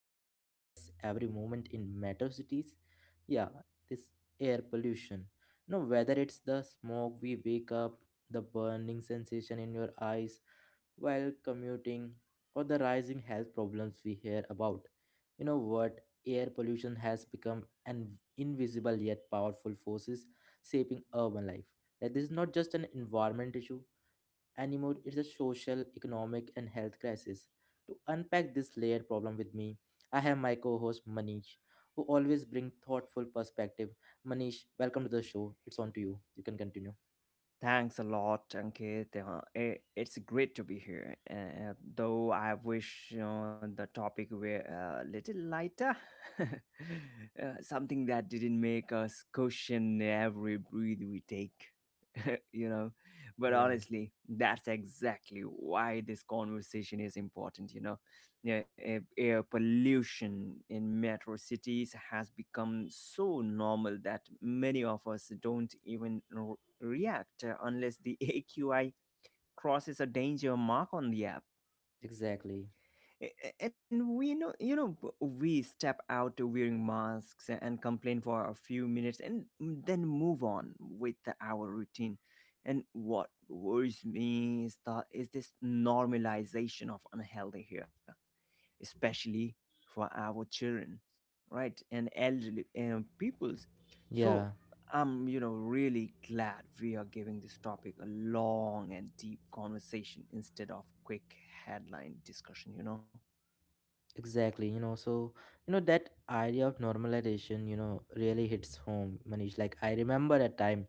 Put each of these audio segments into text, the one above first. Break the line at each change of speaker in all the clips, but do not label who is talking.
surrounds us every moment in metro cities. Yeah, this air pollution. No, whether it's the smoke we wake up, the burning sensation in your eyes while commuting or the rising health problems we hear about. You know what? Air pollution has become an invisible yet powerful forces shaping urban life. Like this is not just an environment issue anymore, it's a social, economic, and health crisis. To unpack this layered problem with me, I have my co-host Manish, who always bring thoughtful perspective. Manish, welcome to the show. It's on to you. You can continue.
Thanks a lot, Ankit. It's great to be here. Though I wish the topic were a little lighter, something that didn't make us question every breath we take. you know, but
Yeah,
honestly, that's exactly why this conversation is important. Yeah, air pollution in metro cities has become so normal that many of us don't even react unless the AQI crosses a danger mark on the app.
exactly.
And we know, we step out wearing masks and complain for a few minutes and then move on with our routine. And what worries me is that is this normalization of unhealthy here, especially for our children, right, and elderly peoples. So
Yeah.
I'm really glad we are giving this topic a long and deep conversation instead of quick headline discussion.
Exactly, so that idea of normalization, really hits home, Manish. Like I remember a time,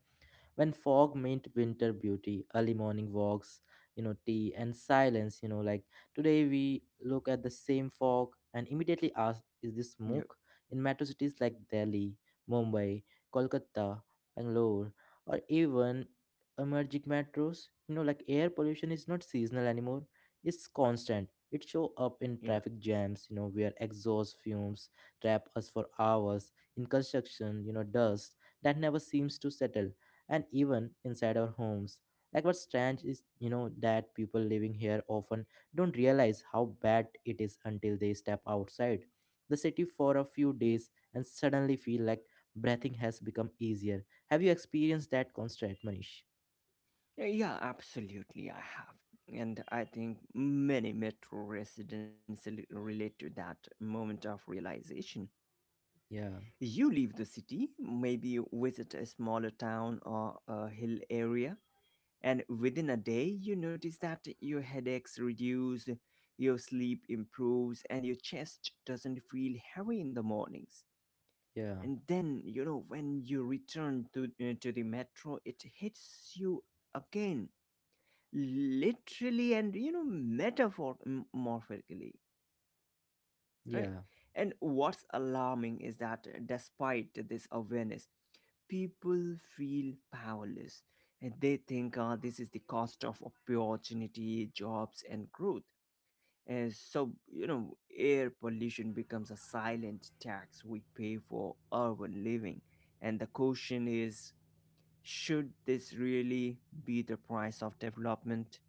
when fog meant winter beauty early morning walks, tea and silence, like today we look at the same fog and immediately ask, is this
Yep,
smoke in metro cities like Delhi, Mumbai, Kolkata, Bangalore, or even emerging metros, like air pollution is not seasonal anymore. It's constant. It show up in
yeah,
traffic jams, where exhaust fumes trap us for hours, in construction, dust that never seems to settle, and even inside our homes. Like what's strange is that people living here often don't realize how bad it is until they step outside the city for a few
yep.
days and suddenly feel like breathing has become easier. Have you experienced that constant, Manish?
Yeah, yeah, absolutely, I have. And I think many metro residents relate to that moment of realization.
Yeah,
You leave the city, maybe visit a smaller town or a hill area, and within a day you notice that your headaches reduce, your sleep improves, and your chest doesn't feel heavy in the mornings.
yeah,
And then, you know, when you return to the metro, it hits you again, literally and, you know, metaphorically, right.
yeah.
And what's alarming is that despite this awareness, people feel powerless, and they think this is the cost of opportunity, jobs and growth. And so, you know, air pollution becomes a silent tax we pay for urban living. And the question is, should this really be the price of development?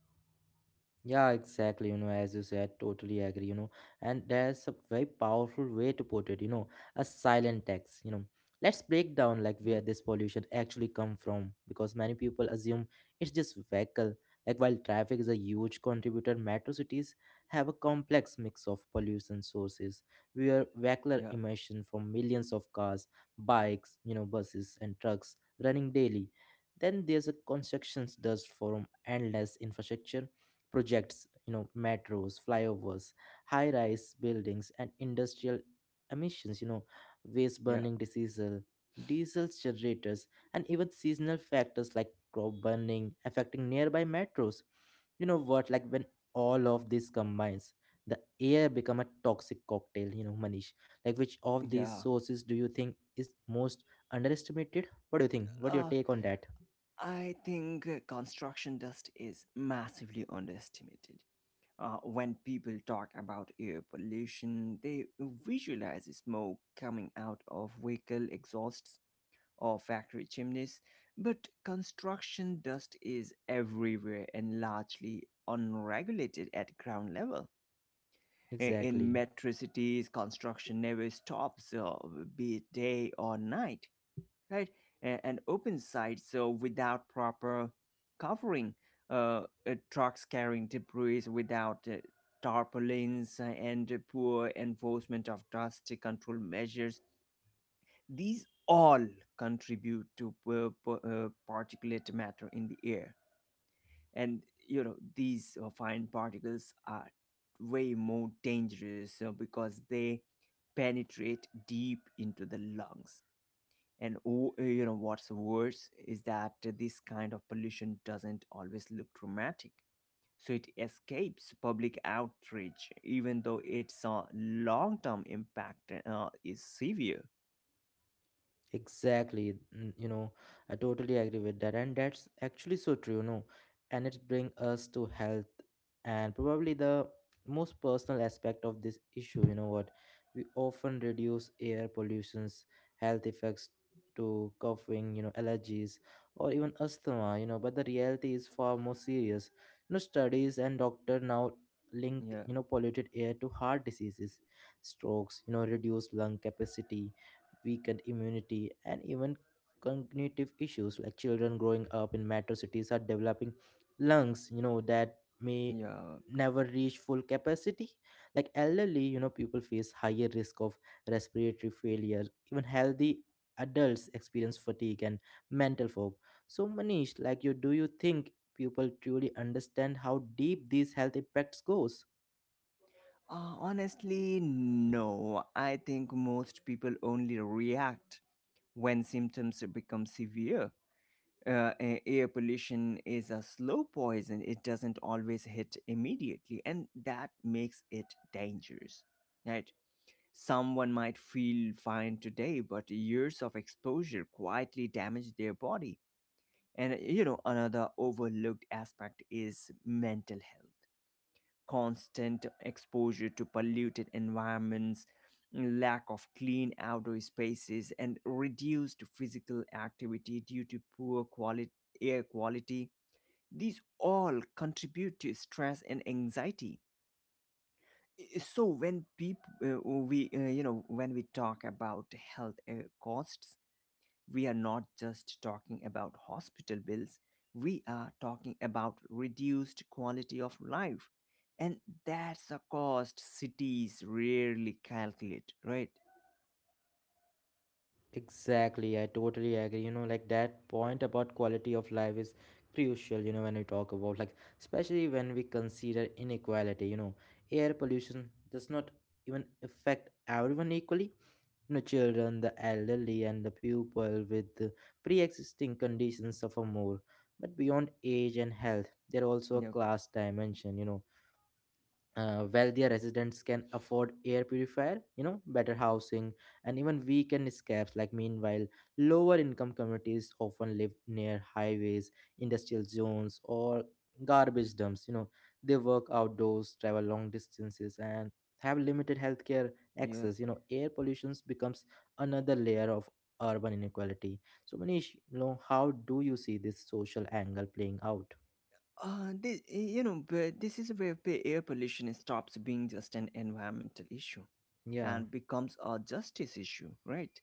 Yeah, exactly. As you said, totally agree. And there's a very powerful way to put it. A silent tax. Let's break down like
Yeah,
where this pollution actually come from, because many people assume it's just vehicle. Like while traffic is a huge contributor, metro cities have a complex mix of pollution sources. Where vehicular
yeah,
emission from millions of cars, bikes, buses and trucks running daily. Then there's a constructions dust from endless infrastructure projects, metros, flyovers, high rise buildings, and industrial emissions, waste
yeah,
burning, diesel generators, and even seasonal factors like crop burning affecting nearby metros. You know what Like when all of this combines, the air become a toxic cocktail, Manish. Like which of these
yeah.
sources do you think is most underestimated? What do you think? What your take on that?
I think construction dust is massively underestimated. When people talk about air pollution, they visualize smoke coming out of vehicle exhausts or factory chimneys, but construction dust is everywhere and largely unregulated at ground level. In
Exactly.
metro cities, construction never stops, be it day or night, right. And open site, so without proper covering, uh, trucks carrying debris without tarpaulins, and poor enforcement of dust control measures, these all contribute to particulate matter in the air. And you know, these fine particles are way more dangerous because they penetrate deep into the lungs. And oh, you know what's worse is that this kind of pollution doesn't always look dramatic. So it escapes public outrage, even though its long-term impact is severe.
Exactly, I totally agree with that, and that's actually so true, and it brings us to health and probably the most personal aspect of this issue. You know what? We often reduce air pollution's health effects to coughing, allergies or even asthma. But the reality is far more serious. Studies and doctor now link
Yeah,
polluted air to heart diseases, strokes, reduced lung capacity, weakened immunity, and even cognitive issues. Like children growing up in metro cities are developing lungs, that may
yeah.
never reach full capacity. Like elderly, people face higher risk of respiratory failure. Even healthy adults experience fatigue and mental fog. So Manish, like you, do you think people truly understand how deep these health impacts goes?
Honestly, no. I think most people only react when symptoms become severe. Air pollution is a slow poison. It doesn't always hit immediately, and that makes it dangerous. Right? Someone might feel fine today, but years of exposure quietly damage their body. And you know, another overlooked aspect is mental health, constant exposure to polluted environments, lack of clean outdoor spaces, and reduced physical activity due to poor air quality. These all contribute to stress and anxiety. So when people, when we talk about health costs, we are not just talking about hospital bills, we are talking about reduced quality of life. And that's a cost cities rarely calculate, right?
Exactly, I totally agree. Like that point about quality of life is crucial, when we talk about, like, especially when we consider inequality, air pollution does not even affect everyone equally. Children, the elderly, and the people with the pre-existing conditions suffer more. But beyond age and health, there are also a
Yep,
class dimension, wealthier residents can afford air purifier, better housing, and even weekend escapes. Like meanwhile, lower income communities often live near highways, industrial zones, or garbage dumps, they work outdoors, travel long distances, and have limited healthcare
yep.
access. Air pollution becomes another layer of urban inequality. So Manish, how do you see this social angle playing out?
But this is where air pollution stops being just an environmental issue
Yeah,
and becomes a justice issue, right?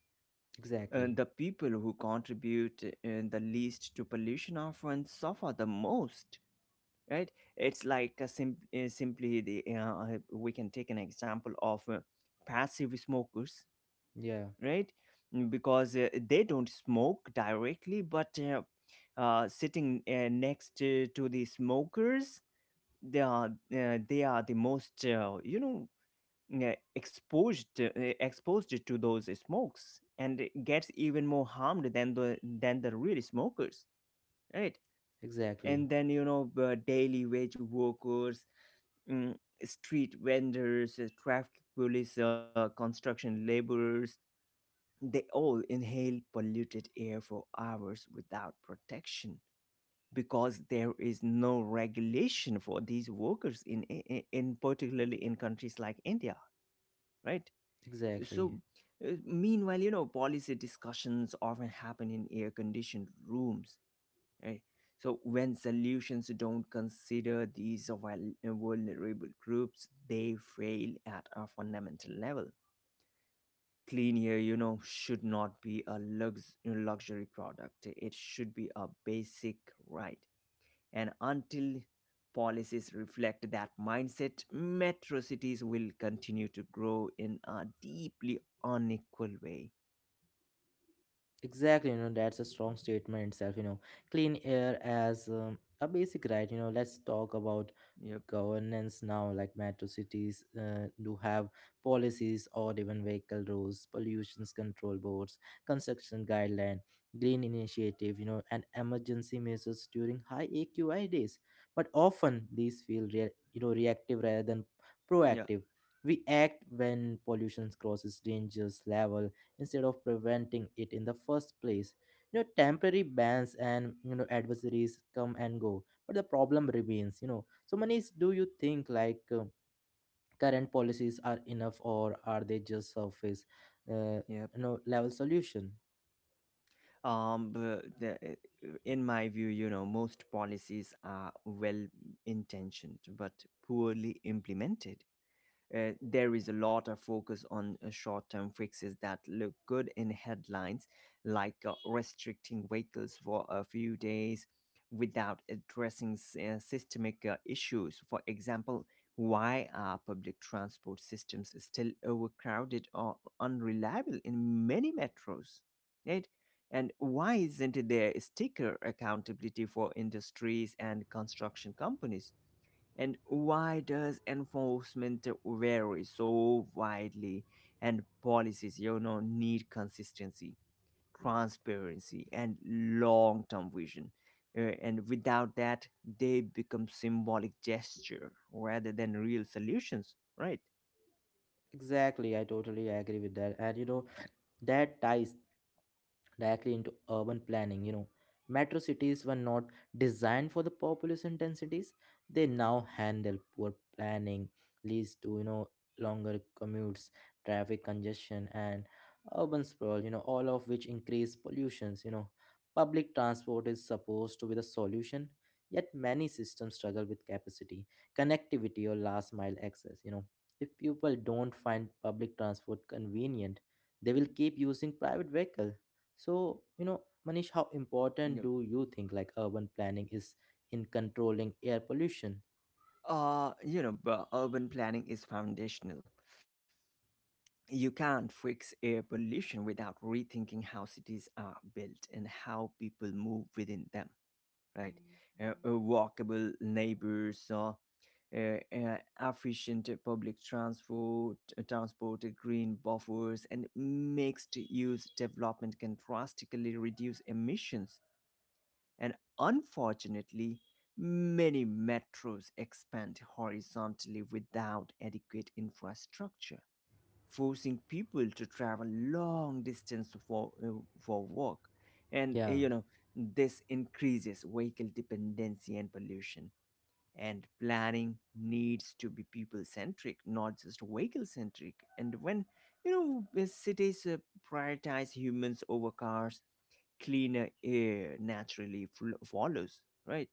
exactly.
The people who contribute the least to pollution often suffer the most. Right, it's like a simply the we can take an example of passive smokers,
Yeah,
right. Mm, because they don't smoke directly, but sitting next to the smokers, they are they are the most uh, exposed uh, exposed to those smokes, and it gets even more harmed than the real smokers, right.
exactly.
And then, you know, daily wage workers, mm, street vendors, traffic police, construction laborers, they all inhale polluted air for hours without protection, because there is no regulation for these workers in particularly in countries like India, right?
Exactly.
So meanwhile, you know, policy discussions often happen in air conditioned rooms, right? So when solutions don't consider these vulnerable groups, they fail at a fundamental level. Clean air, you know, should not be a luxury product. It should be a basic right. And until policies reflect that mindset, metro cities will continue to grow in a deeply unequal way.
Exactly, you know, that's a strong statement itself, you know. Clean air as a basic right, let's talk about
Yep.
governance now. Like metro cities do have policies or even vehicle rules, pollution control boards, construction guideline, green initiative, and emergency measures during high AQI days. But often these feel reactive rather than
Yeah.
proactive. We act when pollution crosses dangerous level instead of preventing it in the first place. Temporary bans and, adversaries come and go, but the problem remains. So Manish, do you think like current policies are enough, or are they just surface uh,
Yeah.
level solution?
um b- the, eh, in my view, you know, most policies are well intentioned but poorly implemented. There is a lot of focus on short-term fixes that look good in headlines, like restricting vehicles for a few days without addressing systemic issues. For example, why are public transport systems still overcrowded or unreliable in many metros? Right? And why isn't there sticker accountability for industries and construction companies? And why does enforcement vary so widely, and policies, you know, need consistency, transparency, and long term vision? And without that, they become symbolic gesture rather than real solutions, right?
Exactly, I totally agree with that. And that ties directly into urban planning. Metro cities were not designed for the population densities they now handle. Poor planning leads to, longer commutes, traffic congestion, and urban sprawl, all of which increase pollutions. Public transport is supposed to be the solution, yet many systems struggle with capacity, connectivity, or last mile access. If people don't find public transport convenient, they will keep using private vehicles. So, Manish, how important
Yeah.
do you think like urban planning is in controlling air pollution?
You know, but urban planning is foundational. You can't fix air pollution without rethinking how cities are built and how people move within them, right? Walkable neighbors, efficient public transport, green buffers, and mixed-use development can drastically reduce emissions. And unfortunately, many metros expand horizontally without adequate infrastructure, forcing people to travel long distance for work. And
Yeah,
you know, this increases vehicle dependency and pollution. And planning needs to be people centric, not just vehicle centric. And when, you know, the cities prioritize humans over cars, cleaner air naturally follows, right.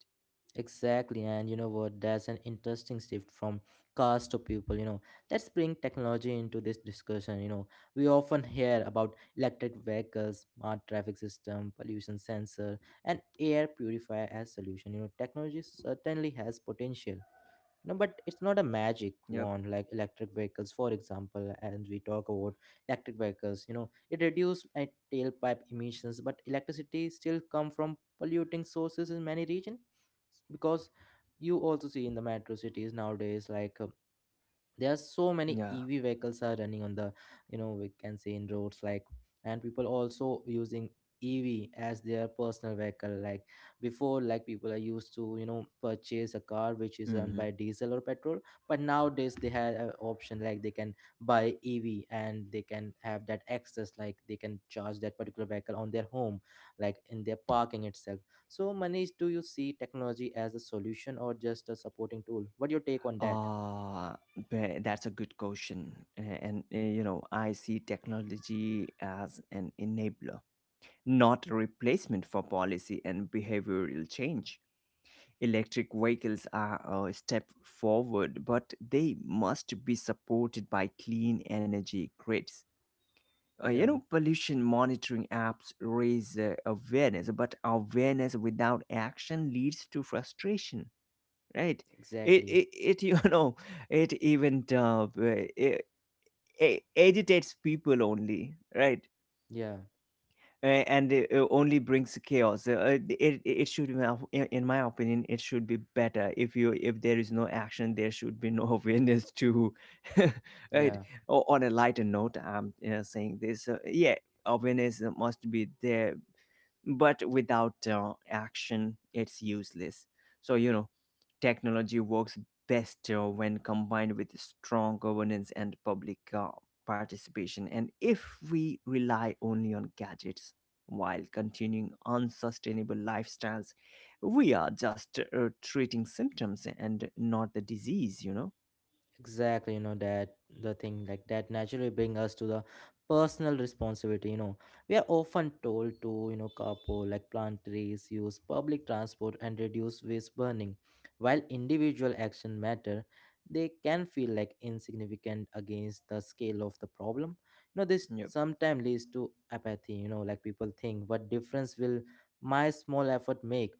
exactly. And you know what? That's an interesting shift from cars to people. Let's bring technology into this discussion. We often hear about electric vehicles, smart traffic system, pollution sensor, and air purifier as solution. Technology certainly has potential. No, but it's not a magic
Yep.
wand, like electric vehicles, for example. And we talk about electric vehicles. It reduces tailpipe emissions, but electricity still come from polluting sources in many regions, because you also see in the metro cities nowadays, like there are so many
Yeah.
EV vehicles are running on the, we can say, in roads. Like and people also using EV as their personal vehicle, like before. Like people are used to, purchase a car which is run
Hmm.
by diesel or petrol, but nowadays they have an option. Like they can buy EV and they can have that access. Like they can charge that particular vehicle on their home, like in their parking itself. So Manish, do you see technology as a solution or just a supporting tool? What your take on that?
Uh, that's a good question. You know, I see technology as an enabler, not a replacement for policy and behavioral change. Electric vehicles are a step forward, but they must be supported by clean energy grids.
Yeah.
You know, pollution monitoring apps raise awareness, but awareness without action leads to frustration, right. it
Exactly.
it, it you know, it even it agitates people only, right.
Yeah.
And it only brings chaos. It should be, in my opinion, it should be better if you, if there is no action there should be no awareness to. Right.
Yeah.
On a lighter note, I'm saying this, yeah. Awareness must be there, but without action it's useless. So, you know, technology works best when combined with strong governance and public participation. And if we rely only on gadgets while continuing unsustainable lifestyles, we are just treating symptoms and not the disease, you know.
Exactly, that the thing like that naturally bring us to the personal responsibility. We are often told to, carpool, like plant trees, use public transport, and reduce waste burning. While individual action matter, they can feel like insignificant against the scale of the problem. This
Yep.
sometimes leads to apathy, like people think, what difference will my small effort make?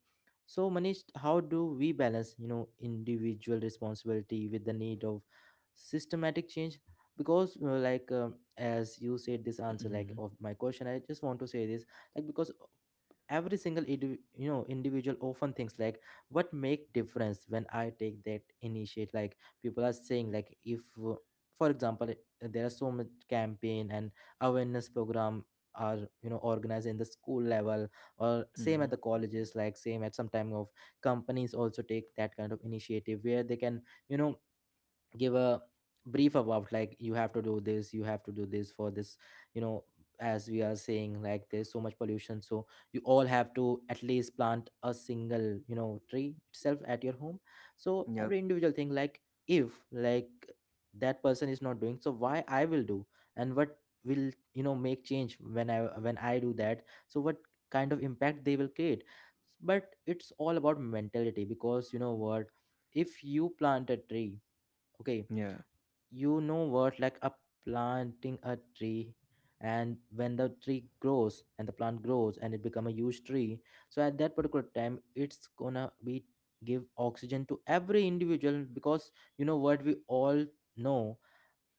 So Manish, how do we balance, individual responsibility with the need of systematic change, because like as you said this answer
Hmm.
like of my question, I just want to say this. Like because every single individual often thinks like, what make difference when I take that initiate? Like people are saying like, if for example, there are so much campaign and awareness program are organized in the school level, or same at the
Hmm.
colleges, like same at some time of companies also take that kind of initiative, where they can, you know give a brief about, like, you have to do this, you have to do this for this, you know as we are saying like there's so much pollution, so you all have to at least plant a single, tree itself at your home. So every
Yep.
individual thing like, if like that person is not doing, so why I will do, and what will, make change when I do that, so what kind of impact they will create? But it's all about mentality because, you know what if you plant a tree, okay,
Yeah.
you know what like a planting a tree, and when the tree grows and the plant grows and it become a huge tree, so at that particular time it's gonna be give oxygen to every individual. Because, you know what we all know,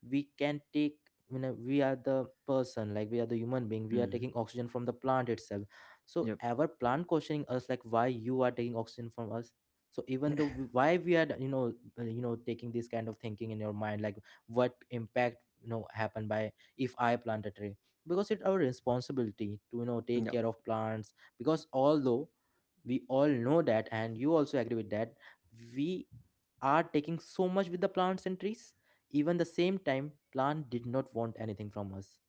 we can take, we are the person, like we are the human being, we are taking
Hmm.
oxygen from the plant itself. So
Yep.
our plant questioning us, like, why you are taking oxygen from us? So even though why we are, taking this kind of thinking in your mind, like, what impact happen by if I plant a tree because it's our responsibility to take
Yep.
care of plants, because although we all know that, and you also agree with that, we are taking so much with the plants and trees. Even the same time, plant did not want anything from us.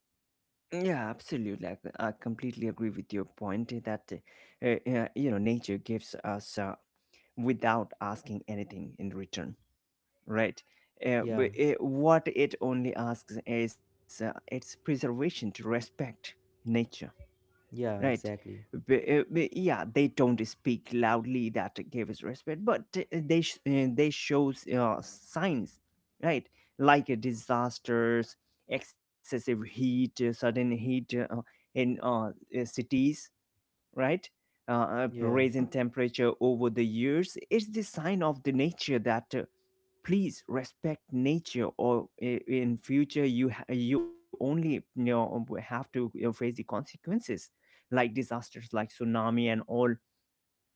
Yeah, absolutely. I completely agree with your point, that, uh, you know, nature gives us, without asking anything in return, right?
Yeah,
But what it only asks is its preservation, to respect nature,
yeah,
right.
exactly.
Yeah, they don't speak loudly that gives respect, but they shows signs, right. Like disasters, excessive heat, sudden heat, eh, in cities, right.
Yeah,
Raising temperature over the years is the sign of the nature that, please respect nature, or in future you you only, have to, face the consequences, like disasters like tsunami and all.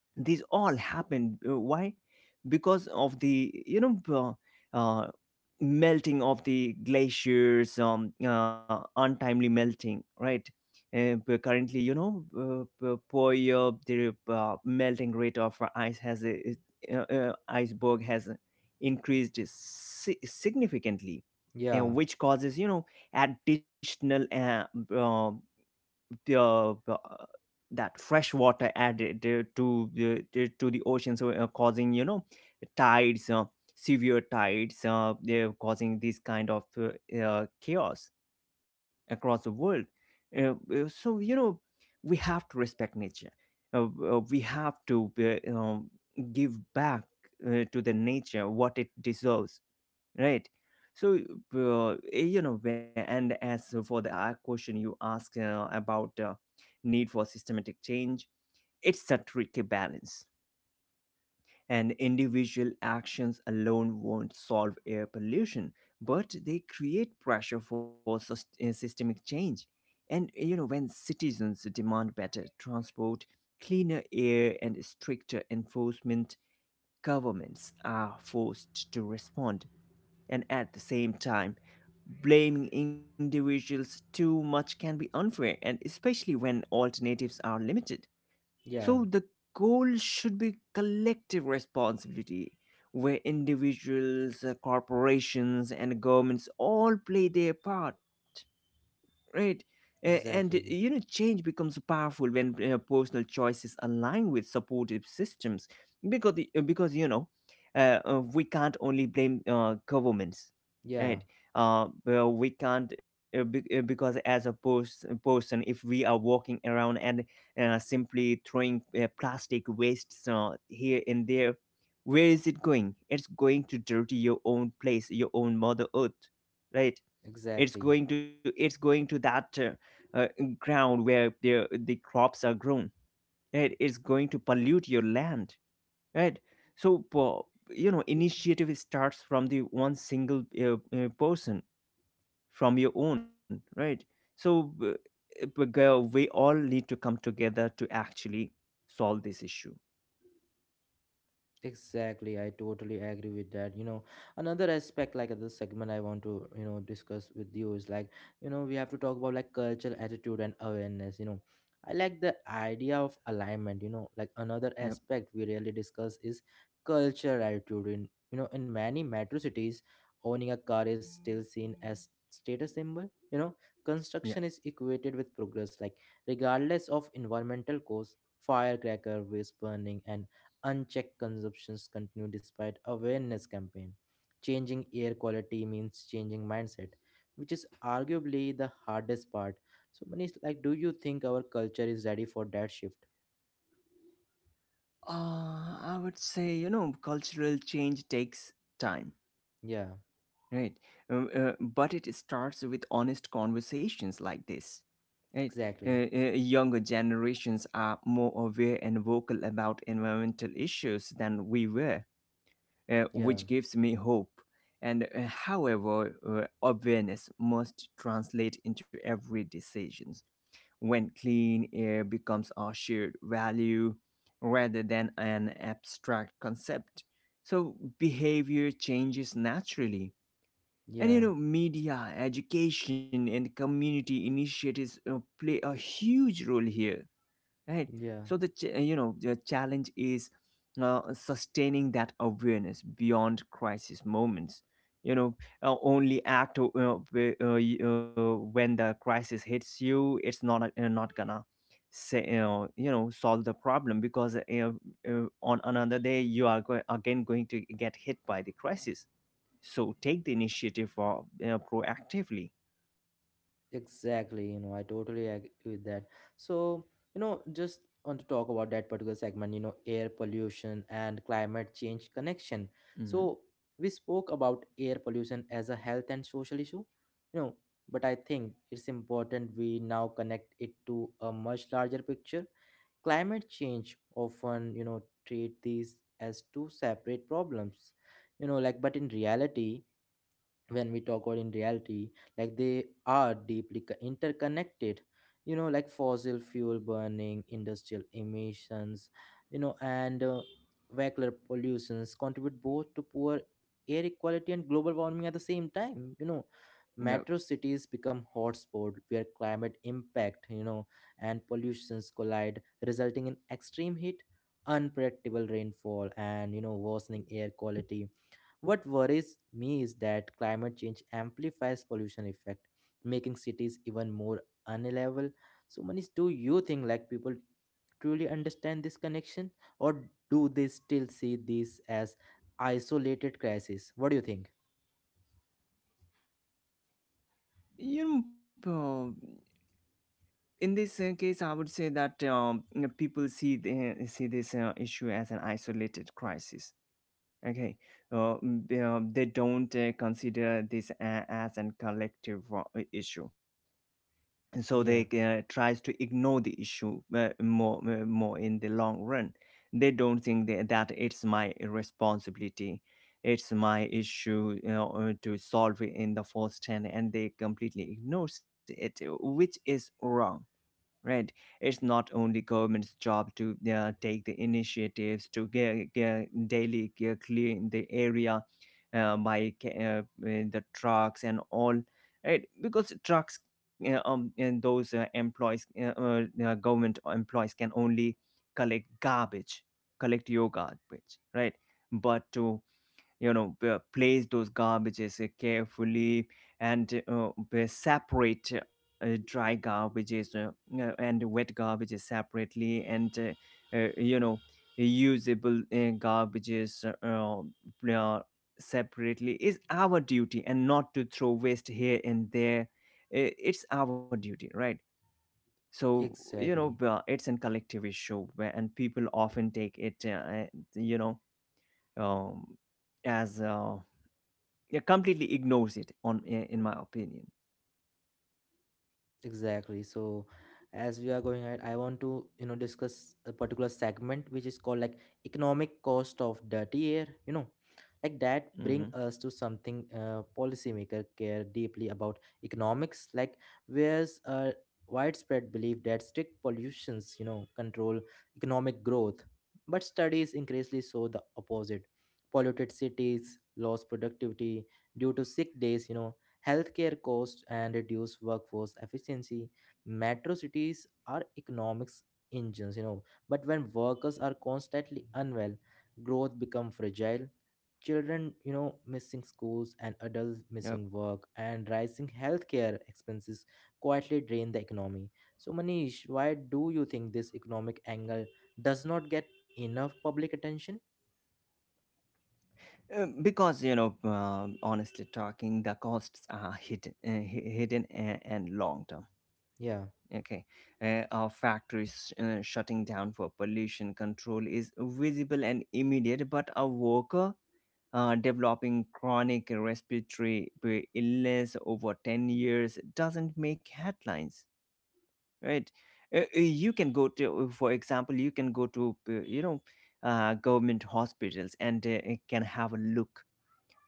These all happened. Why? Because of the, you know, uh, melting of the glaciers, untimely melting, right. But currently, you know, per year, the melting rate of ice iceberg has increased significantly,
yeah,
which causes, you know, additional uh, uh, uh, that fresh water added to the to the ocean, so causing, you know, tides, severe tides, they're causing this kind of chaos across the world. So, you know, we have to respect nature. We have to, give back to the nature what it deserves, right. So, you know, and as for the question you asked about need for systematic change, it's a tricky balance, and individual actions alone won't solve air pollution, but they create pressure for systemic change. And you know, when citizens demand better transport, cleaner air and stricter enforcement, governments are forced to respond. And at the same time, blaming individuals too much can be unfair, and especially when alternatives are limited.
yeah,
So, the goal should be collective responsibility, where individuals, corporations, and governments all play their part. Right. And you
exactly.
know, change becomes powerful when personal choices align with supportive systems, because we can't only blame governments,
Yeah,
right? Well, we can't be, because as a person, if we are walking around and simply throwing plastic wastes here and there, where is it going? It's going to dirty your own place, your own mother earth, right? it's
exactly.
going to it's going to that ground where the crops are grown, right? It's going to pollute your land, right? So initiative starts from the one single person, from your own, right? So girl, we all need to come together to actually solve this issue.
Exactly, I totally agree with that. Another aspect like the segment I want to, discuss with you is like, we have to talk about like cultural attitude and awareness. I like the idea of alignment, like another
yep
aspect we rarely discuss is cultural attitude in many metro cities, owning a car is still seen as status symbol.
yeah
Construction is equated with progress, like regardless of environmental cause, firecracker, waste burning and unchecked consumptions continue despite awareness campaign. Changing air quality means changing mindset, which is arguably the hardest part. So Manish, like, do you think our culture is ready for that shift?
I would say you know cultural change takes time,
Yeah,
right? But it starts with honest conversations like this, right?
exactly.
Younger generations are more aware and vocal about environmental issues than we were,
Yeah,
which gives me hope. And uh, however uh, awareness must translate into every decisions when clean air becomes our shared value rather than an abstract concept, so behavior changes naturally. And you
yeah,
know, media, education, and community initiatives play a huge role here, right? So
yeah.
the the challenge is sustaining that awareness beyond crisis moments. You know, only act when the crisis hits you. It's not not gonna say solve the problem, because on another day you are again going to get hit by the crisis, so take the initiative proactively.
Exactly, I totally agree with that. So, just want to talk about that particular segment, air pollution and climate change connection.
Hmm.
So, we spoke about air pollution as a health and social issue, you know, but I think it's important we now connect it to a much larger picture. Climate change often, treat these as two separate problems, like, but in reality, when we talk about in reality, like they are deeply interconnected like fossil fuel burning, industrial emissions and vehicular pollutions contribute both to poor air quality and global warming at the same time
Yeah.
metro cities become hotspot where climate impact and pollutions collide, resulting in extreme heat, unpredictable rainfall, and worsening air quality. What worries me is that climate change amplifies pollution effect, making cities even more unreliable. So, Manish, do you think like people truly understand this connection, or do they still see this as isolated crisis? What do you think?
You know, uh, in this case, I would say that people see this issue as an isolated crisis. Okay, they don't consider this as an collective issue. And so they
Yeah,
tries to ignore the issue more in the long run. They don't think that it's my responsibility, it's my issue, you know, to solve it in the first hand, and they completely ignores it, which is wrong, right? It's not only government's job to take the initiatives to get, daily clean the area by the trucks and all, right? Because trucks and those employees government employees can only collect garbage, collect your garbage, right? But to, you know, place those garbages carefully, and separate dry garbages and wet garbages separately, and usable garbages, uh, separately is our duty, and not to throw waste here and there. It's our duty, right? So you know,
exactly.
it's a collective issue and people often take it you know um, as yeah, completely ignores it on in my opinion.
Exactly. So, as we are going ahead, I want to, discuss a particular segment which is called like economic cost of dirty air. Like that bring
Hmm.
us to something policymaker care deeply about economics, like where's a widespread belief that strict pollutions, control economic growth. But studies increasingly show the opposite. Polluted cities lost productivity due to sick days, healthcare costs and reduce workforce efficiency. Metro cities are economics engines, but when workers are constantly unwell, growth become fragile. Children, missing schools and adults missing
Yep.
work and rising healthcare expenses quietly drain the economy. So, Manish, why do you think this economic angle does not get enough public attention?
Because you know honestly talking the costs are hidden hidden and long term,
Yeah,
okay. Our factories shutting down for pollution control is visible and immediate, but a worker developing chronic respiratory illness over 10 years doesn't make headlines, right? You can go to for example you can go to government hospitals and can have a look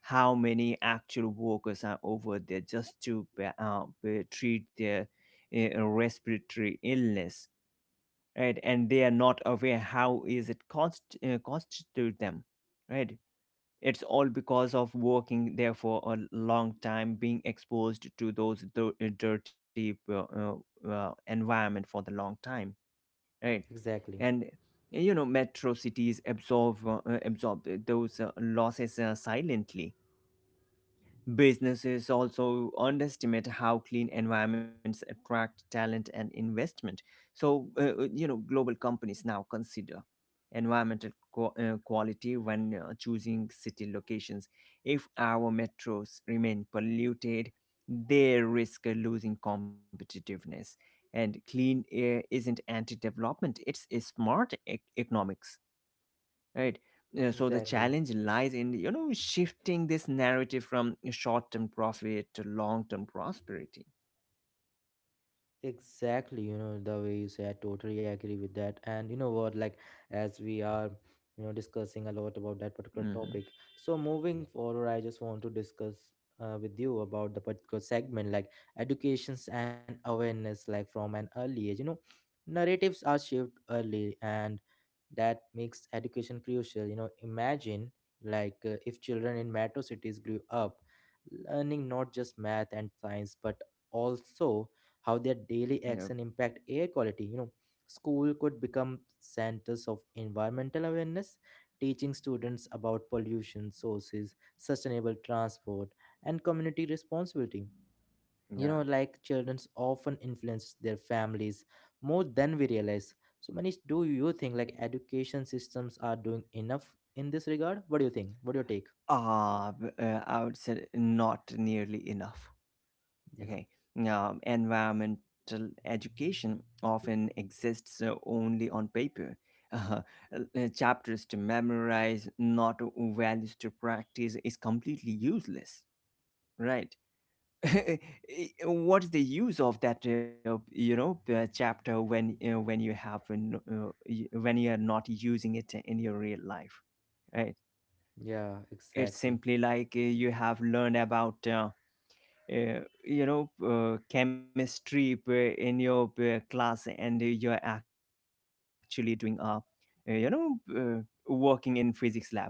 how many actual workers are over there just to treat their respiratory illness, right? And they are not aware how is it cost cost to them, right? It's all because of working there for a long time being exposed to those dirty environment for the long time, right?
exactly.
And you know metro cities absorb those losses silently. Businesses also underestimate how clean environments attract talent and investment. So, global companies now consider environmental quality when choosing city locations. If our metros remain polluted, they risk losing competitiveness. And clean air isn't anti development, it's a smart economics, right? So the
Exactly.
challenge lies in, you know, shifting this narrative from short-term profit to long-term prosperity.
Exactly, the way you say, I totally agree with that. And you know what, like, as we are, discussing a lot about that particular
Hmm.
topic, so moving forward, I just want to discuss with you about the particular segment, like educations and awareness, like from an early age. Narratives are shaped early, and that makes education crucial. Imagine like if children in metro cities grew up learning not just math and science, but also how their
Yeah.
daily action impact air quality school could become centers of environmental awareness, teaching students about pollution sources, sustainable transport, and community responsibility
Yeah.
like children often influence their families more than we realize. So Manish, do you think like education systems are doing enough in this regard? What do you think, what do you take?
I would say not nearly enough,
Yeah,
okay. Environmental education often exists only on paper chapters to memorize, not values to practice, is completely useless, right? What's the use of that chapter when you have when you are not using it in your real life, right?
yeah,
It's
exactly.
simply like, you have learned about chemistry in your class, and you're actually doing uh, you know uh, working in physics lab.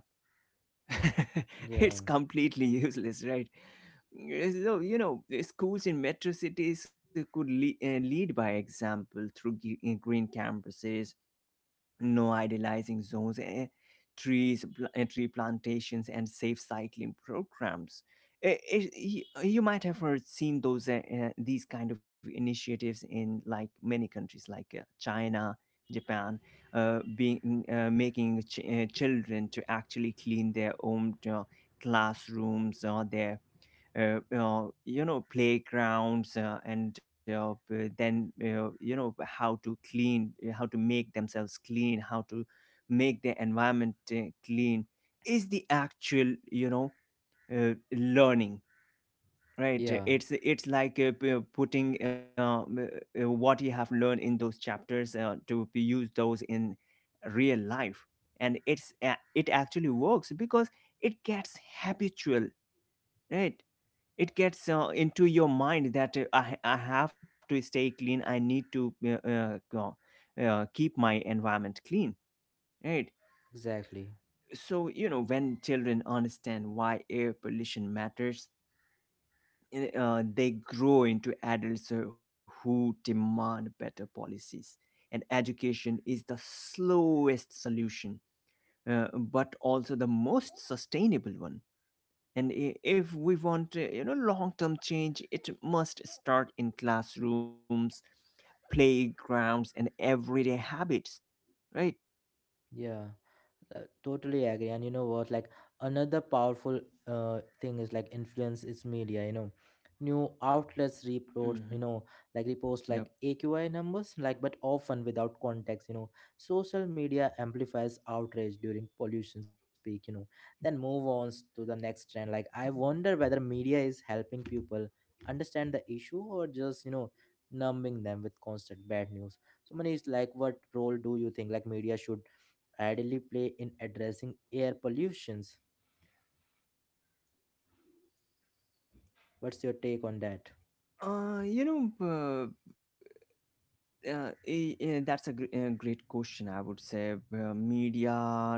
Yeah,
It's completely useless, right? Mm. So, you know, schools in metro cities could lead by example through green campuses, no idealizing zones, trees, tree plantations, and safe cycling programs. You might have heard seen those these kind of initiatives in like many countries like China, Japan, making children to actually clean their own classrooms or their playgrounds, and b- then you know how to clean, how to make themselves clean, how to make the environment clean is the actual, you know, learning, right?
yeah,
It's like, putting what you have learned in those chapters to be use those in real life. And it actually works, because it gets habitual, right? It gets into your mind that I have to stay clean, I need to keep my environment clean, right?
exactly.
So you know when children understand why air pollution matters, they grow into adults who demand better policies. And education is the slowest solution, but also the most sustainable one. And if we want, long-term change, it must start in classrooms, playgrounds, and everyday habits, right?
Yeah. Totally agree. And you know what, like another powerful thing is like influence is media new outlets report
Hmm.
like
Yep.
repost like AQI numbers, like but often without context social media amplifies outrage during pollution speak, you know, then move on to the next trend. Like I wonder whether media is helping people understand the issue or just numbing them with constant bad news. So Manish, like what role do you think like media should ideally play in addressing air pollutions? What's your take on that?
Uh, you know, uh, that's a great question. I would say media.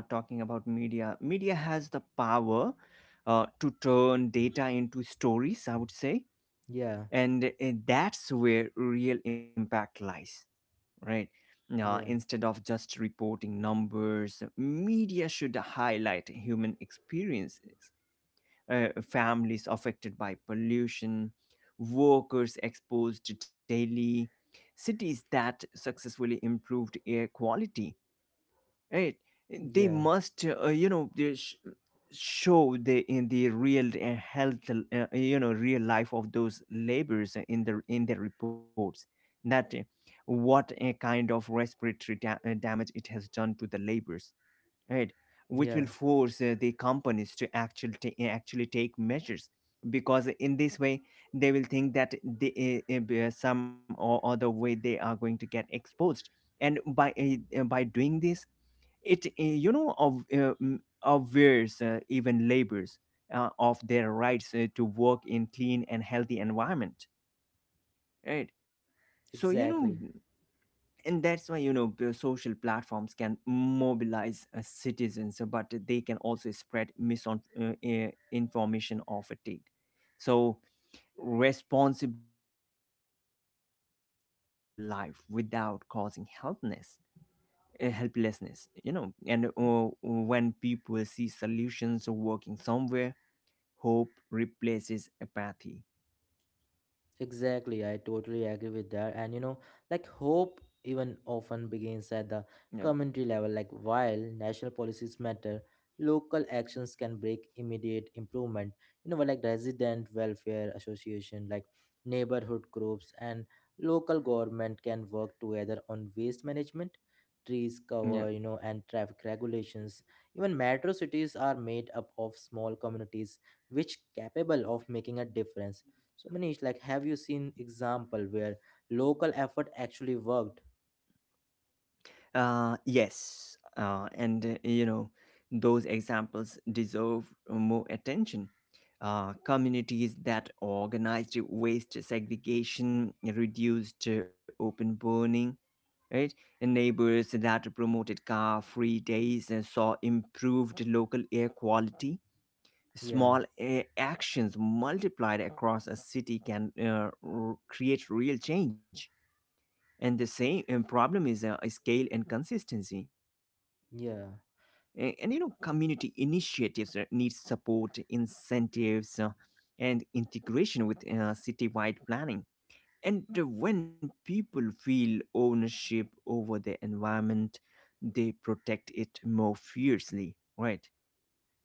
Talking about media, media has the power to turn data into stories, I would say,
Yeah,
and that's where real impact lies, right?
yeah,
Instead of just reporting numbers, media should highlight human experiences, families affected by pollution, workers exposed daily, cities that successfully improved air quality. Right. They
yeah,
must, show the in the real health, real life of those labors in the reports. That What a kind of respiratory damage it has done to the labors, right? Which
yeah,
will force the companies to actually actually take measures, because in this way they will think that some or other way they are going to get exposed. And by doing this, it aware, even laborers of their rights to work in clean and healthy environment, right? So you know,
exactly.
and that's why you know the social platforms can mobilize citizens, but they can also spread misinformation or fatigue. So responsible storytelling can keep the issue alive without causing helplessness, helplessness, you know. And when people see solutions working somewhere, hope replaces apathy.
Exactly, I totally agree with that. And you know, like hope even often begins at the community level. Like while national policies matter, local actions can break immediate improvement. But like resident welfare association, like neighborhood groups, and local government can work together on waste management, trees cover,
Yep.
and traffic regulations. Even metro cities are made up of small communities which capable of making a difference. So Manish, like, have you seen example where local effort actually worked?
Yes, and you know, those examples deserve more attention. Communities that organized waste segregation, reduced open burning, right? And neighbors that promoted car free days and saw improved local air quality.
Yeah,
Small actions multiplied across a city can create real change. And the same problem is scale and consistency. And you
yeah.
know community initiatives need support incentives, and integration with citywide planning. And when people feel ownership over their environment, they protect it more fiercely, right?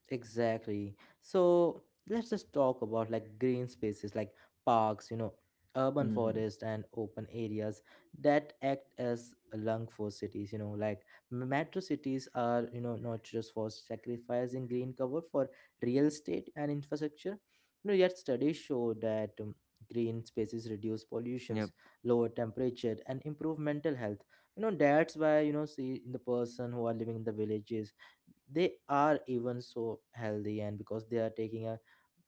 Exactly. So let's just talk about like green spaces, like parks, urban
Mm-hmm.
forests and open areas that act as a lung for cities, like metro cities are, not just for sacrificing green cover for real estate and infrastructure. Yet studies show that green spaces reduce
Yep.
pollutions, lower temperature and improve mental health. That's why, see the person who are living in the villages, they are even so healthy, and because they are taking a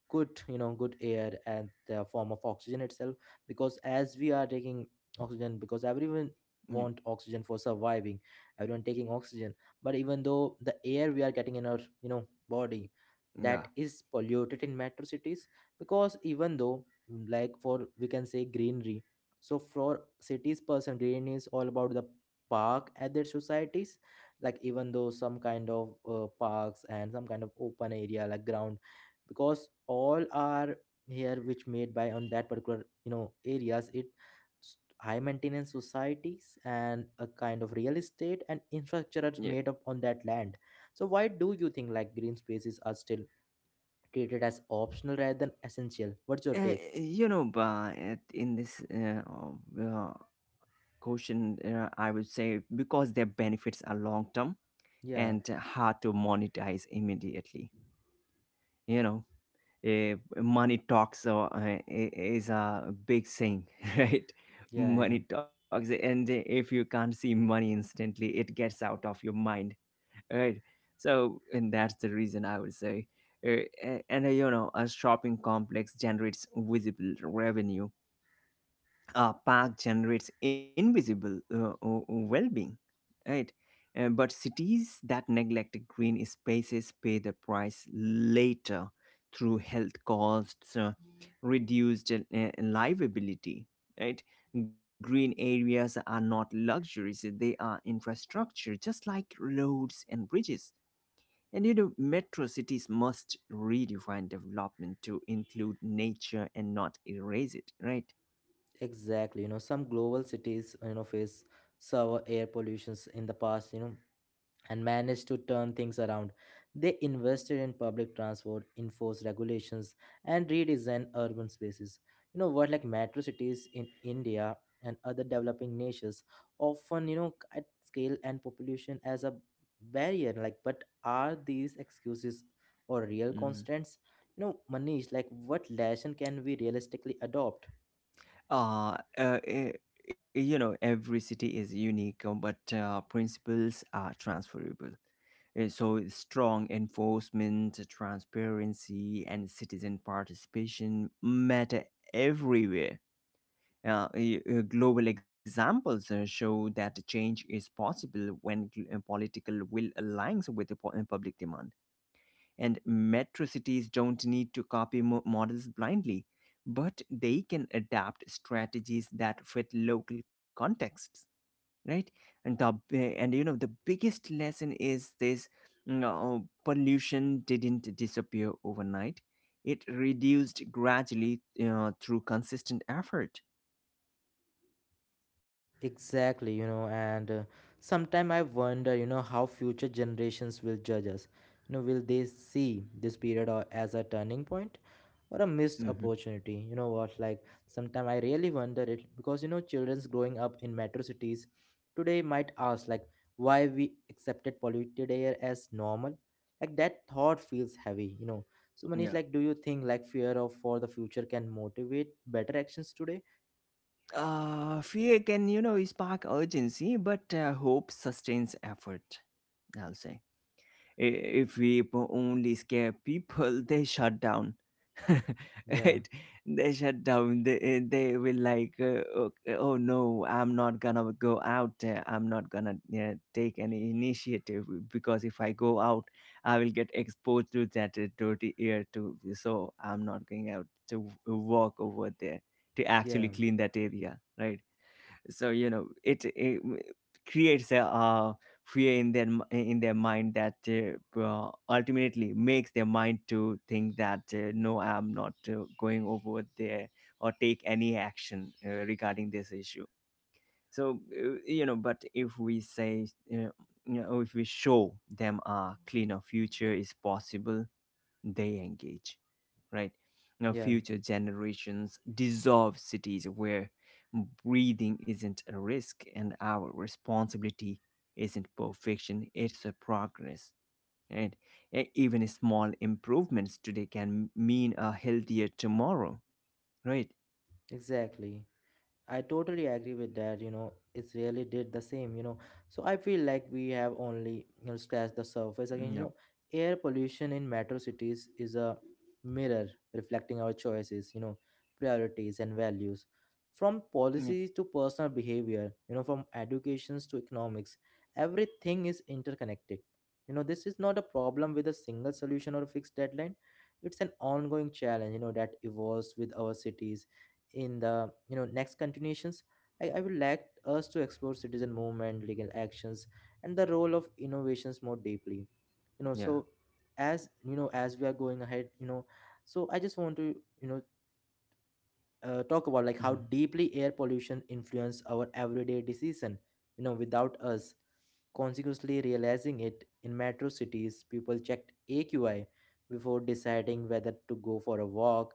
good good air and the form of oxygen itself, because as we are taking oxygen, because everyone
Yep,
want oxygen for surviving, everyone taking oxygen. But even though the air we are getting in our body,
yeah.
that is polluted in metro cities, because even though like for we can say greenery, so for cities person green is all about the park at their societies, like even though some kind of parks and some kind of open area like ground, because all are here which made by on that particular areas, it high maintenance societies and a kind of real estate and infrastructure
Yeah.
are made up on that land. So why do you think like green spaces are still treated as optional rather than essential? What's your take?
You know, but in this uh, question, I would say because their benefits are long term
Yeah,
and hard to monetize immediately. You know, money talks, is a big thing, right?
yeah, yeah,
Money talks, and if you can't see money instantly, it gets out of your mind, right? So, and that's the reason I would say. A shopping complex generates visible revenue. A park generates invisible well-being, right? But cities that neglect green spaces pay the price later through health costs, reduced livability, right? Green areas are not luxuries, they are infrastructure, just like roads and bridges. And you know, metro cities must redefine development to include nature and not erase it, right?
exactly. Some global cities face severe air pollutions in the past, you know, and managed to turn things around. They invested in public transport, enforced regulations, and redesigned urban spaces. You know what, like metro cities in India and other developing nations often, at scale and population as a barrier. Like, but are these excuses or real constants? Manish, like what lesson can we realistically adopt?
uh, uh, eh, you know, every city is unique, but principles are transferable. So strong enforcement, transparency, and citizen participation matter everywhere. Global examples show that change is possible when political will aligns with the public demand, and metro cities don't need to copy models blindly, but they can adapt strategies that fit local contexts, right? And the and you know, the biggest lesson is this: no, pollution didn't disappear overnight. It reduced gradually through consistent effort.
Exactly, and sometime I wonder, how future generations will judge us. Will they see this period or as a turning point or a missed
Hmm.
opportunity? You know what? Like, sometime I really wonder it, because childrens growing up in metro cities today might ask like why we accepted polluted air as normal. Like that thought feels heavy. So Manish,
Yeah.
like, do you think like fear of for the future can motivate better actions today?
Fear can, you know, spark urgency, but hope sustains effort, I'll say. I- If we only scare people, they shut down.
Yeah,
Right? They shut down. They will like, oh, oh no, I'm not gonna go out. I'm not gonna take any initiative because if I go out, I will get exposed to that dirty air too. So I'm not going out to walk over there to actually
yeah,
clean that area, right? So you know, it creates a fear in their in their mind that ultimately makes their mind to think that no, I am not going over there or take any action regarding this issue. So you know, but if we say uh, you know, if we show them a cleaner future is possible, they engage, right? Now,
yeah.
future generations dissolve cities where breathing isn't a risk, and our responsibility isn't perfection, it's a progress. And even small improvements today can mean a healthier tomorrow, right?
Exactly. I totally agree with that. It's really did the same. So I feel like we have only, scratched the surface. Again,
Yep,
air pollution in metro cities is a mirror reflecting our choices, priorities and values. From
yep,
policies to personal behavior, from educations to economics, everything is interconnected. This is not a problem with a single solution or a fixed deadline. It's an ongoing challenge, that evolves with our cities. In the next continuations, I would like us to explore citizen movement, legal actions, and the role of innovations more deeply
yeah.
so as you know, as we are going ahead so I just want to, you know talk about like how
Mhm.
deeply air pollution influence our everyday decision without us consequently realizing it. In metro cities, people checked AQI before deciding whether to go for a walk,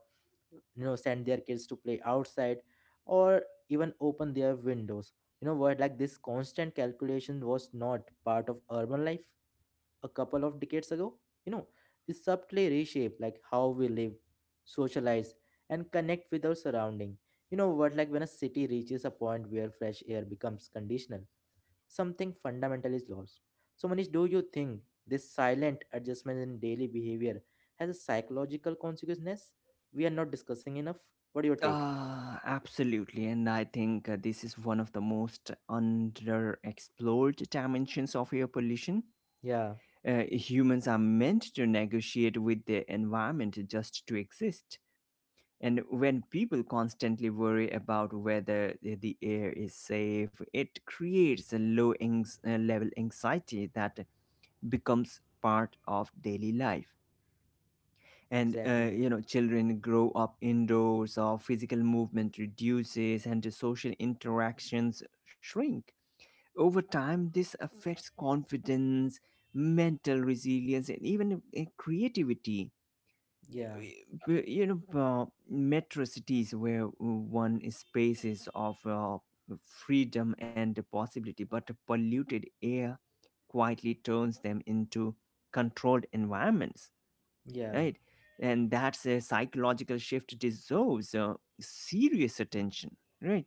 send their kids to play outside, or even open their windows. You know what? Like this constant calculation was not part of urban life a couple of decades ago. You know, it subtly reshaped like how we live, socialize, and connect with our surrounding. You know what? Like when a city reaches a point where fresh air becomes conditional, something fundamental is lost. So, Manish, do you think this silent adjustment in daily behavior has a psychological consequence we are not discussing enough? What do you take?
Ah, absolutely. And I think this is one of the most underexplored dimensions of air pollution.
Yeah,
Humans are meant to negotiate with their environment just to exist. And when people constantly worry about whether the air is safe, it creates a low level anxiety that becomes part of daily life. And
exactly.
you know, children grow up indoors, or physical movement reduces, and the social interactions shrink over time. This affects confidence, mental resilience, and even creativity.
Yeah,
You know, metro cities where one is spaces of freedom and possibility, but polluted air quietly turns them into controlled environments,
yeah.
right? And that's a psychological shift, deserves serious attention, right?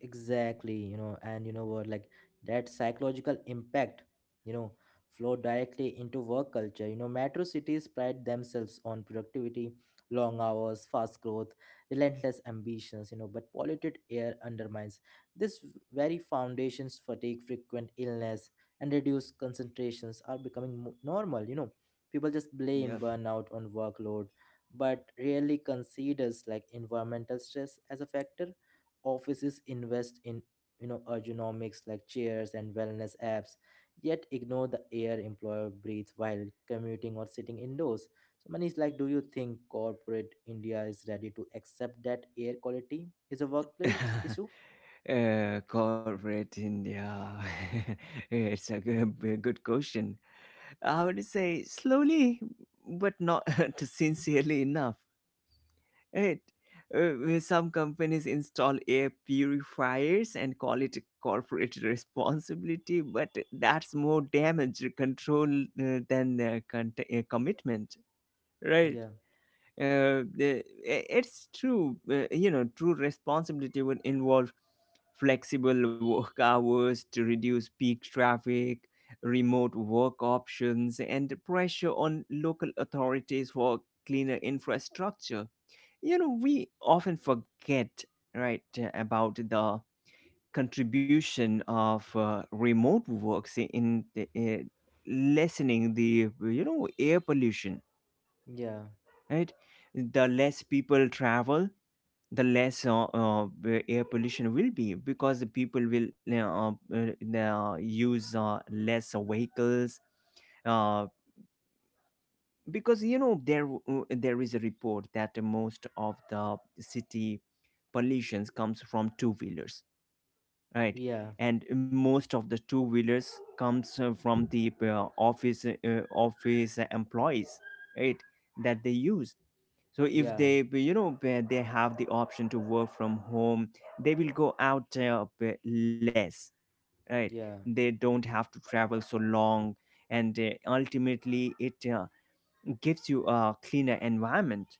Exactly, and you know what, like that psychological impact, you know, flow directly into work culture. You know, metro cities pride themselves on productivity, long hours, fast growth, relentless ambitions, you know, but polluted air undermines this very foundations, fatigue, frequent illness, and reduced concentrations are becoming normal. You know, people just blame
Yep.
burnout on workload, but rarely considers like environmental stress as a factor. Offices invest in, you know, ergonomics like chairs and wellness apps, yet ignore the air employer breathes while commuting or sitting indoors. So Manish, like, do you think corporate India is ready to accept that air quality is a workplace issue?
Corporate India. It's a good question. I would say slowly, but not sincerely enough. It, some companies install air purifiers and call it corporate responsibility, but that's more damage control than commitment, right?
Yeah,
uh, i- it's true, you know, true responsibility would involve flexible work hours to reduce peak traffic, remote work options, and pressure on local authorities for cleaner infrastructure. You know, we often forget, right, about the contribution of remote works in the, lessening the, you know, air pollution,
yeah,
right? The less people travel, the less air pollution will be, because the people will uh, use less vehicles, uh, because you know, there there is a report that most of the city pollutions comes from two wheelers, right?
yeah,
And most of the two wheelers comes from the office employees, right, that they use. So if
yeah,
they, you know, where they have the option to work from home, they will go out less, right.
yeah,
They don't have to travel so long, and ultimately it gives you a cleaner environment,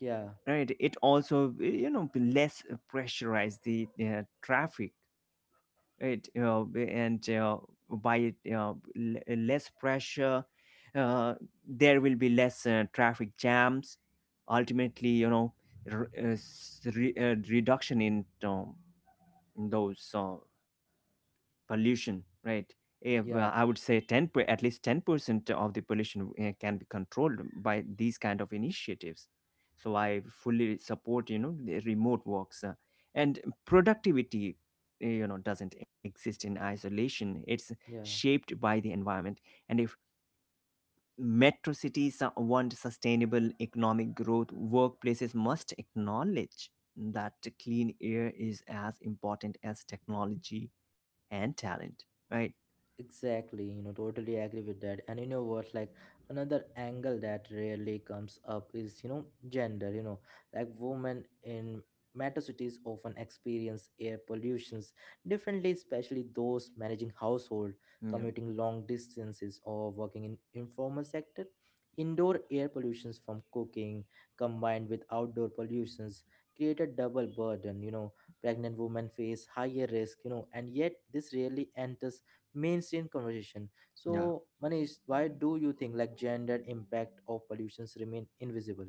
yeah,
right. It also, you know, less pressurize the traffic. It uh, and uh, by uh, l- less pressure, uh, there will be less traffic jams. Ultimately, you know, reduction in those pollution, right? Eh, well,
yeah,
I would say 10 per, at least 10% of the pollution can be controlled by these kind of initiatives. So I fully support, you know, the remote works, and productivity, you know, doesn't exist in isolation. It's
yeah.
shaped by the environment. And if metro cities want sustainable economic growth, workplaces must acknowledge that clean air is as important as technology and talent, right?
Exactly, you know, totally agree with that. And you know what, like another angle that rarely comes up is, you know, gender, you know, like women in metro cities often experience air pollutions differently, especially those managing household,
Yeah,
commuting long distances or working in informal sector. Indoor air pollutions from cooking combined with outdoor pollutions create a double burden, you know, pregnant women face higher risk, you know, and yet this rarely enters mainstream conversation.
yeah.
So, Manish, why do you think like gender impact of pollutions remain invisible?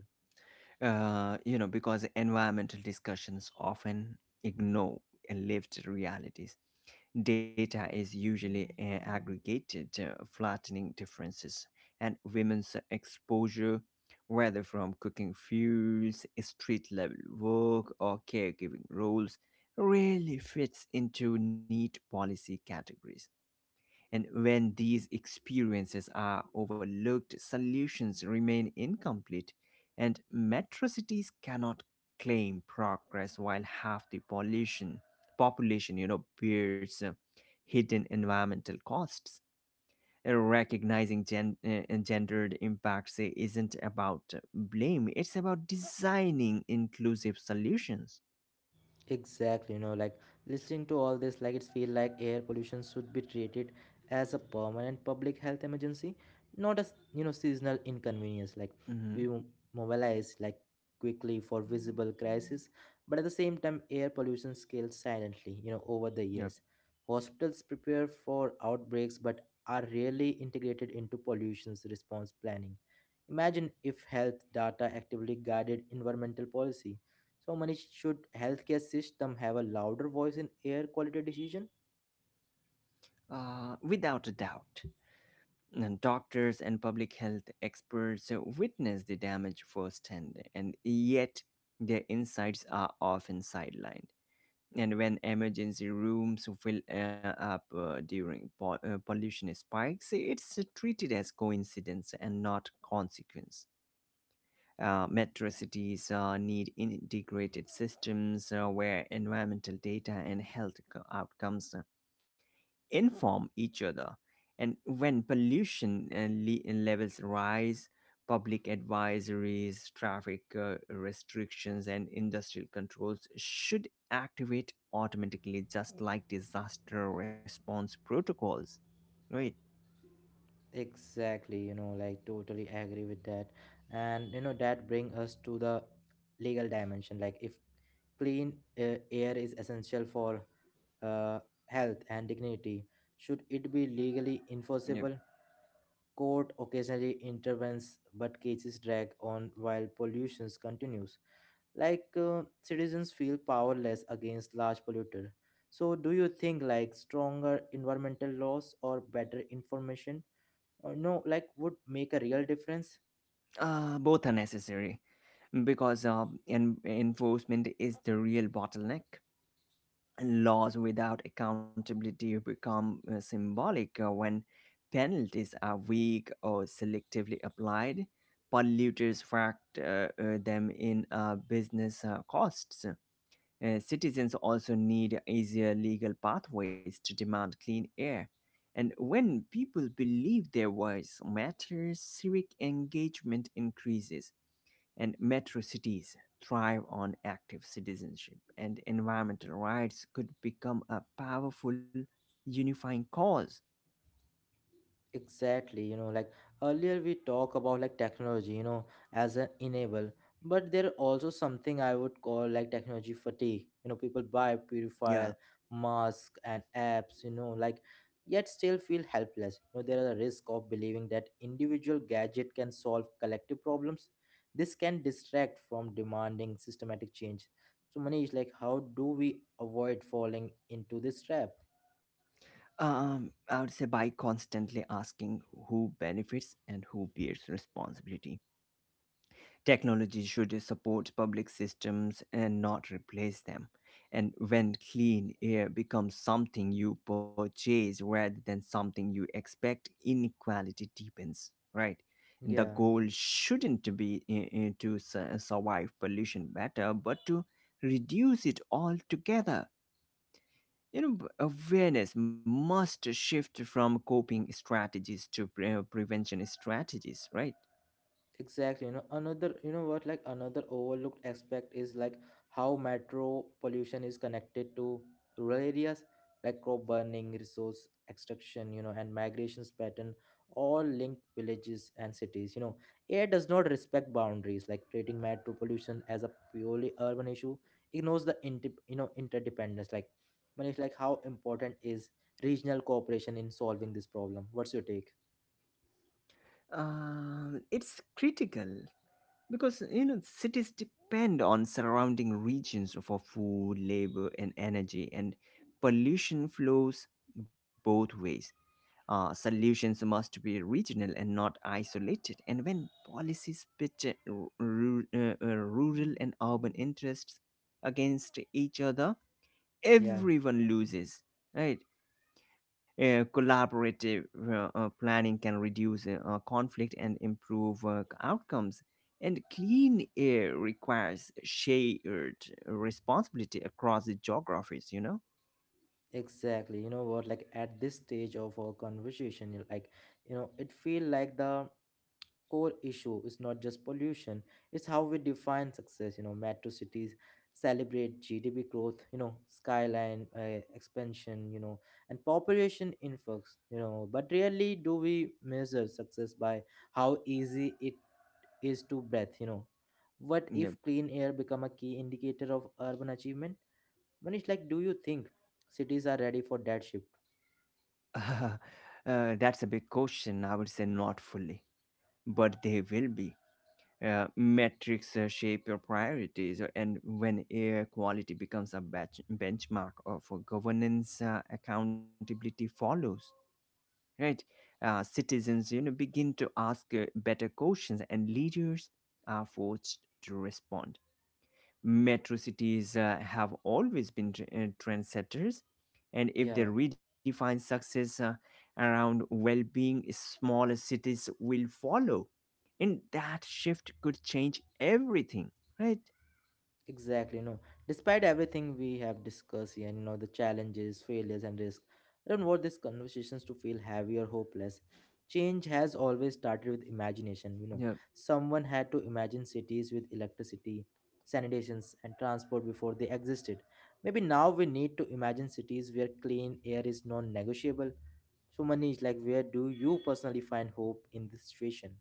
You know, because environmental discussions often ignore lived realities. Data is usually aggregated, flattening differences, and women's exposure, whether from cooking fuels, street level work, or caregiving roles, rarely fits into neat policy categories. And when these experiences are overlooked, solutions remain incomplete, and metro cities cannot claim progress while half the pollution population, you know, bears hidden environmental costs. Recognizing gendered impacts isn't about blame; it's about designing inclusive solutions.
Exactly, you know, like listening to all this, like it's feel like air pollution should be treated as a permanent public health emergency, not as, you know, seasonal inconvenience. Like
Mhm.
we mobilize like quickly for visible crisis, but at the same time, air pollution scales silently. You know, over the
Yep.
years, hospitals prepare for outbreaks, but are rarely integrated into pollution's response planning. Imagine if health data actively guided environmental policy, so many should healthcare system have a louder voice in air quality decision?
Without a doubt. And doctors and public health experts witness the damage firsthand, and yet their insights are often sidelined. And when emergency rooms fill up during pollution spikes, it's treated as coincidence and not consequence. Metro cities need integrated systems where environmental data and health outcomes inform each other. And when pollution levels rise, public advisories, traffic restrictions, and industrial controls should activate automatically, just like disaster response protocols. Right?
Exactly, you know, like totally agree with that. And you know that bring us to the legal dimension. Like if clean air is essential for uh, health and dignity, should it be legally
Yep.
enforceable? Court occasionally intervenes, but cases drag on while pollution continues. Like citizens feel powerless against large polluter, so do you think like stronger environmental laws or better information or no like would make a real difference?
Both are necessary because enforcement is the real bottleneck. Laws without accountability become symbolic when penalties are weak or selectively applied. Polluters factor them in business costs. Citizens also need easier legal pathways to demand clean air. And when people believe their voice matters, civic engagement increases, and metro cities thrive on active citizenship, and environmental rights could become a powerful unifying cause.
Exactly, you know, like earlier we talk about like technology, you know, as an enable, but there also something I would call like technology fatigue. You know, people buy purifier,
Yeah.
mask, and apps, you know, like yet still feel helpless. You know, there is a risk of believing that individual gadget can solve collective problems. This can distract from demanding systematic change. So Manish, like how do we avoid falling into this trap?
I would say by constantly asking who benefits and who bears responsibility. Technology should support public systems and not replace them. And when clean air becomes something you purchase rather than something you expect, inequality deepens, right? And the
Yeah.
goal shouldn't be to survive pollution better, but to reduce it altogether. You know, awareness must shift from coping strategies to prevention strategies, right?
Exactly, you know, another, you know what, like another overlooked aspect is like how metro pollution is connected to rural areas, like crop burning, resource extraction, you know, and migrations pattern all link villages and cities. You know, air does not respect boundaries, like treating metro pollution as a purely urban issue ignores the inter, you know, interdependence. Like, Manish, like how important is regional cooperation in solving this problem? What's your take?
It's critical, because you know, cities depend on surrounding regions for food, labor, and energy, and pollution flows both ways. Uh, solutions must be regional and not isolated, and when policies pit rural and urban interests against each other,
Yeah.
everyone loses, right. Collaborative planning can reduce conflict and improve outcomes. And clean air requires shared responsibility across the geographies, you know?
Exactly. You know what? Like at this stage of our conversation, like you know, it feel like the core issue is not just pollution; it's how we define success. You know, metro cities celebrate GDP growth. You know, skyline expansion. You know, and population influx. You know, but rarely do we measure success by how easy it is to breathe. You know, what
Yep.
if clean air become a key indicator of urban achievement? Manish, like, do you think cities are ready for that shift?
That's a big question. I would say not fully, but they will be. Metrics shape your priorities, and when air quality becomes a benchmark of governance, accountability follows, right. Citizens, you know, begin to ask better questions, and leaders are forced to respond. Metro cities have always been trendsetters, and if they
Yeah,
redefine success around well being, smaller cities will follow. And that shift could change everything, right?
exactly. No, despite everything we have discussed here, you know, the challenges, failures, and risk, I don't want these conversations to feel heavy or hopeless. Change has always started with imagination. You know,
Yeah.
someone had to imagine cities with electricity, sanitations, and transport before they existed. Maybe now we need to imagine cities where clean air is non-negotiable. So, Manish, like, where do you personally find hope in this situation?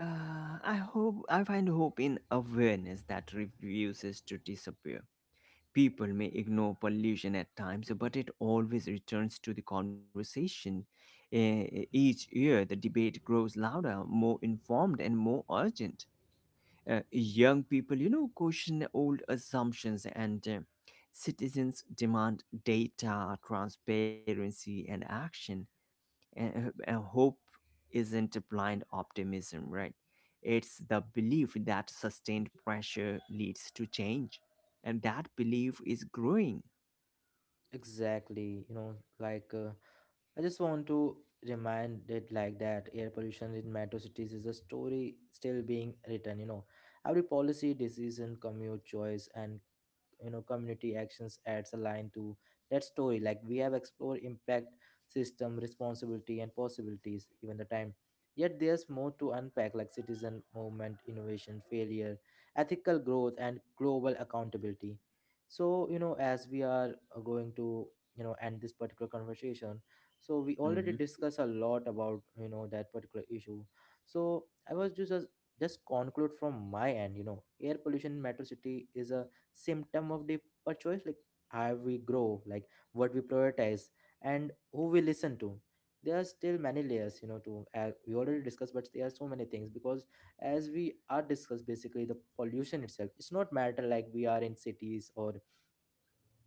I hope, I find hope in awareness that refuses to disappear. People may ignore pollution at times, but it always returns to the conversation. E- Each year, the debate grows louder, more informed, and more urgent. Young people, you know, question old assumptions, and citizens demand data, transparency, and action, and hope isn't blind optimism, right. It's the belief that sustained pressure leads to change, and that belief is growing.
Exactly. You know, like. I just want to remind it like that air pollution in metro cities is a story still being written, you know. Every policy, decision, commute choice, and you know community actions adds a line to that story. Like we have explored impact, system responsibility, and possibilities even the time, yet there's more to unpack like citizen movement, innovation, failure, ethical growth, and global accountability. So you know, as we are going to, you know, end this particular conversation, so we
Mm-hmm.
already discussed a lot about, you know, that particular issue. So I was just conclude from my end, you know, air pollution in metro city is a symptom of the choice, like how we grow, like what we prioritize, and who we listen to. There are still many layers, you know, to we already discussed, but there are so many things because as we are discussed basically the pollution itself, it's not matter like we are in cities or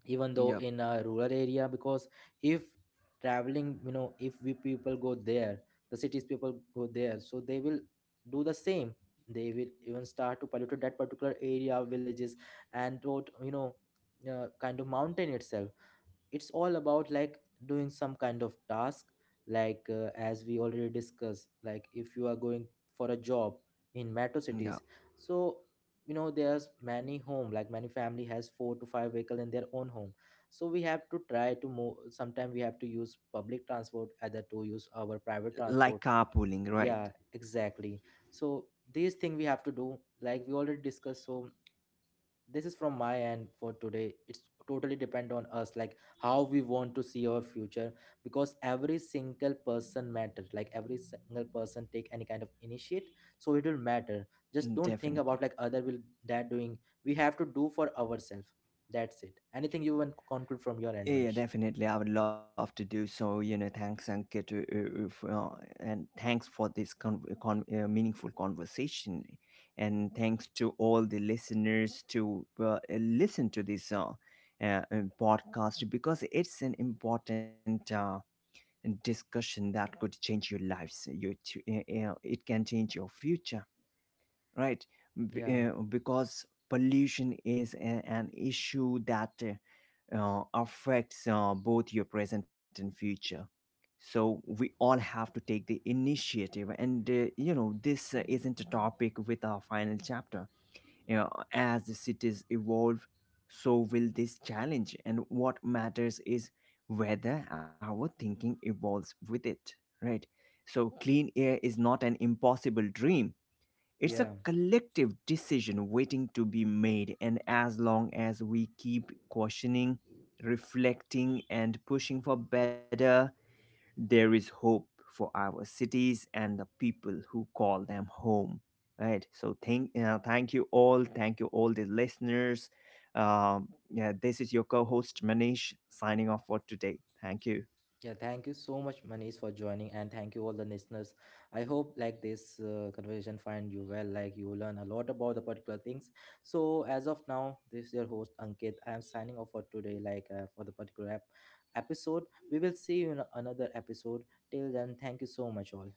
even though in
Yep.
a rural area, because if traveling, you know, if we people go there, the cities people go there, so they will do the same, they will even start to pollute that particular area, villages, and what, you know, kind of mountain itself. It's all about like doing some kind of task, like as we already discussed, like if you are going for a job in metro cities,
Yeah.
so you know there's many home, like many family has four to five vehicle in their own home, so we have to try to move, sometimes we have to use public transport either to use our private
Like
transport.
carpooling, right.
Yeah, exactly. So these thing we have to do, like we already discussed. So this is from my end for today. It's totally depend on us, like how we want to see our future, because every single person matters, like every single person take any kind of initiate, so it will matter. Just
Mm,
don't think about
definitely.
like other will, that doing, we have to do for ourselves. That's it. Anything you want to conclude from your end,
Yeah,
Manish?
definitely. I would love to do so. You know, thanks, Ankit, for, and thanks for this meaningful conversation, and thanks to all the listeners to listen to this uh, uh, podcast, because it's an important discussion that could change your lives. It can change your future, right? B-
Yeah,
because pollution is an issue that affects both your present and future. So we all have to take the initiative, and you know, this isn't a topic with our final chapter. You know, as the cities evolve, so will this challenge, and what matters is whether our thinking evolves with it. Right. So clean air is not an impossible dream, it's a
yeah.
collective decision waiting to be made, and as long as we keep questioning, reflecting, and pushing for better, there is hope for our cities and the people who call them home. Right. So thank, thank you all. Thank you all the listeners. Yeah, this is your co-host Manish signing off for today. Thank you.
Yeah, thank you so much, Manish, for joining, and thank you all the listeners. I hope like this conversation find you well, like you learn a lot about the particular things. So as of now, this is your host Ankit. I am signing off for today, like for the particular episode. We will see you in another episode. Till then, thank you so much, all.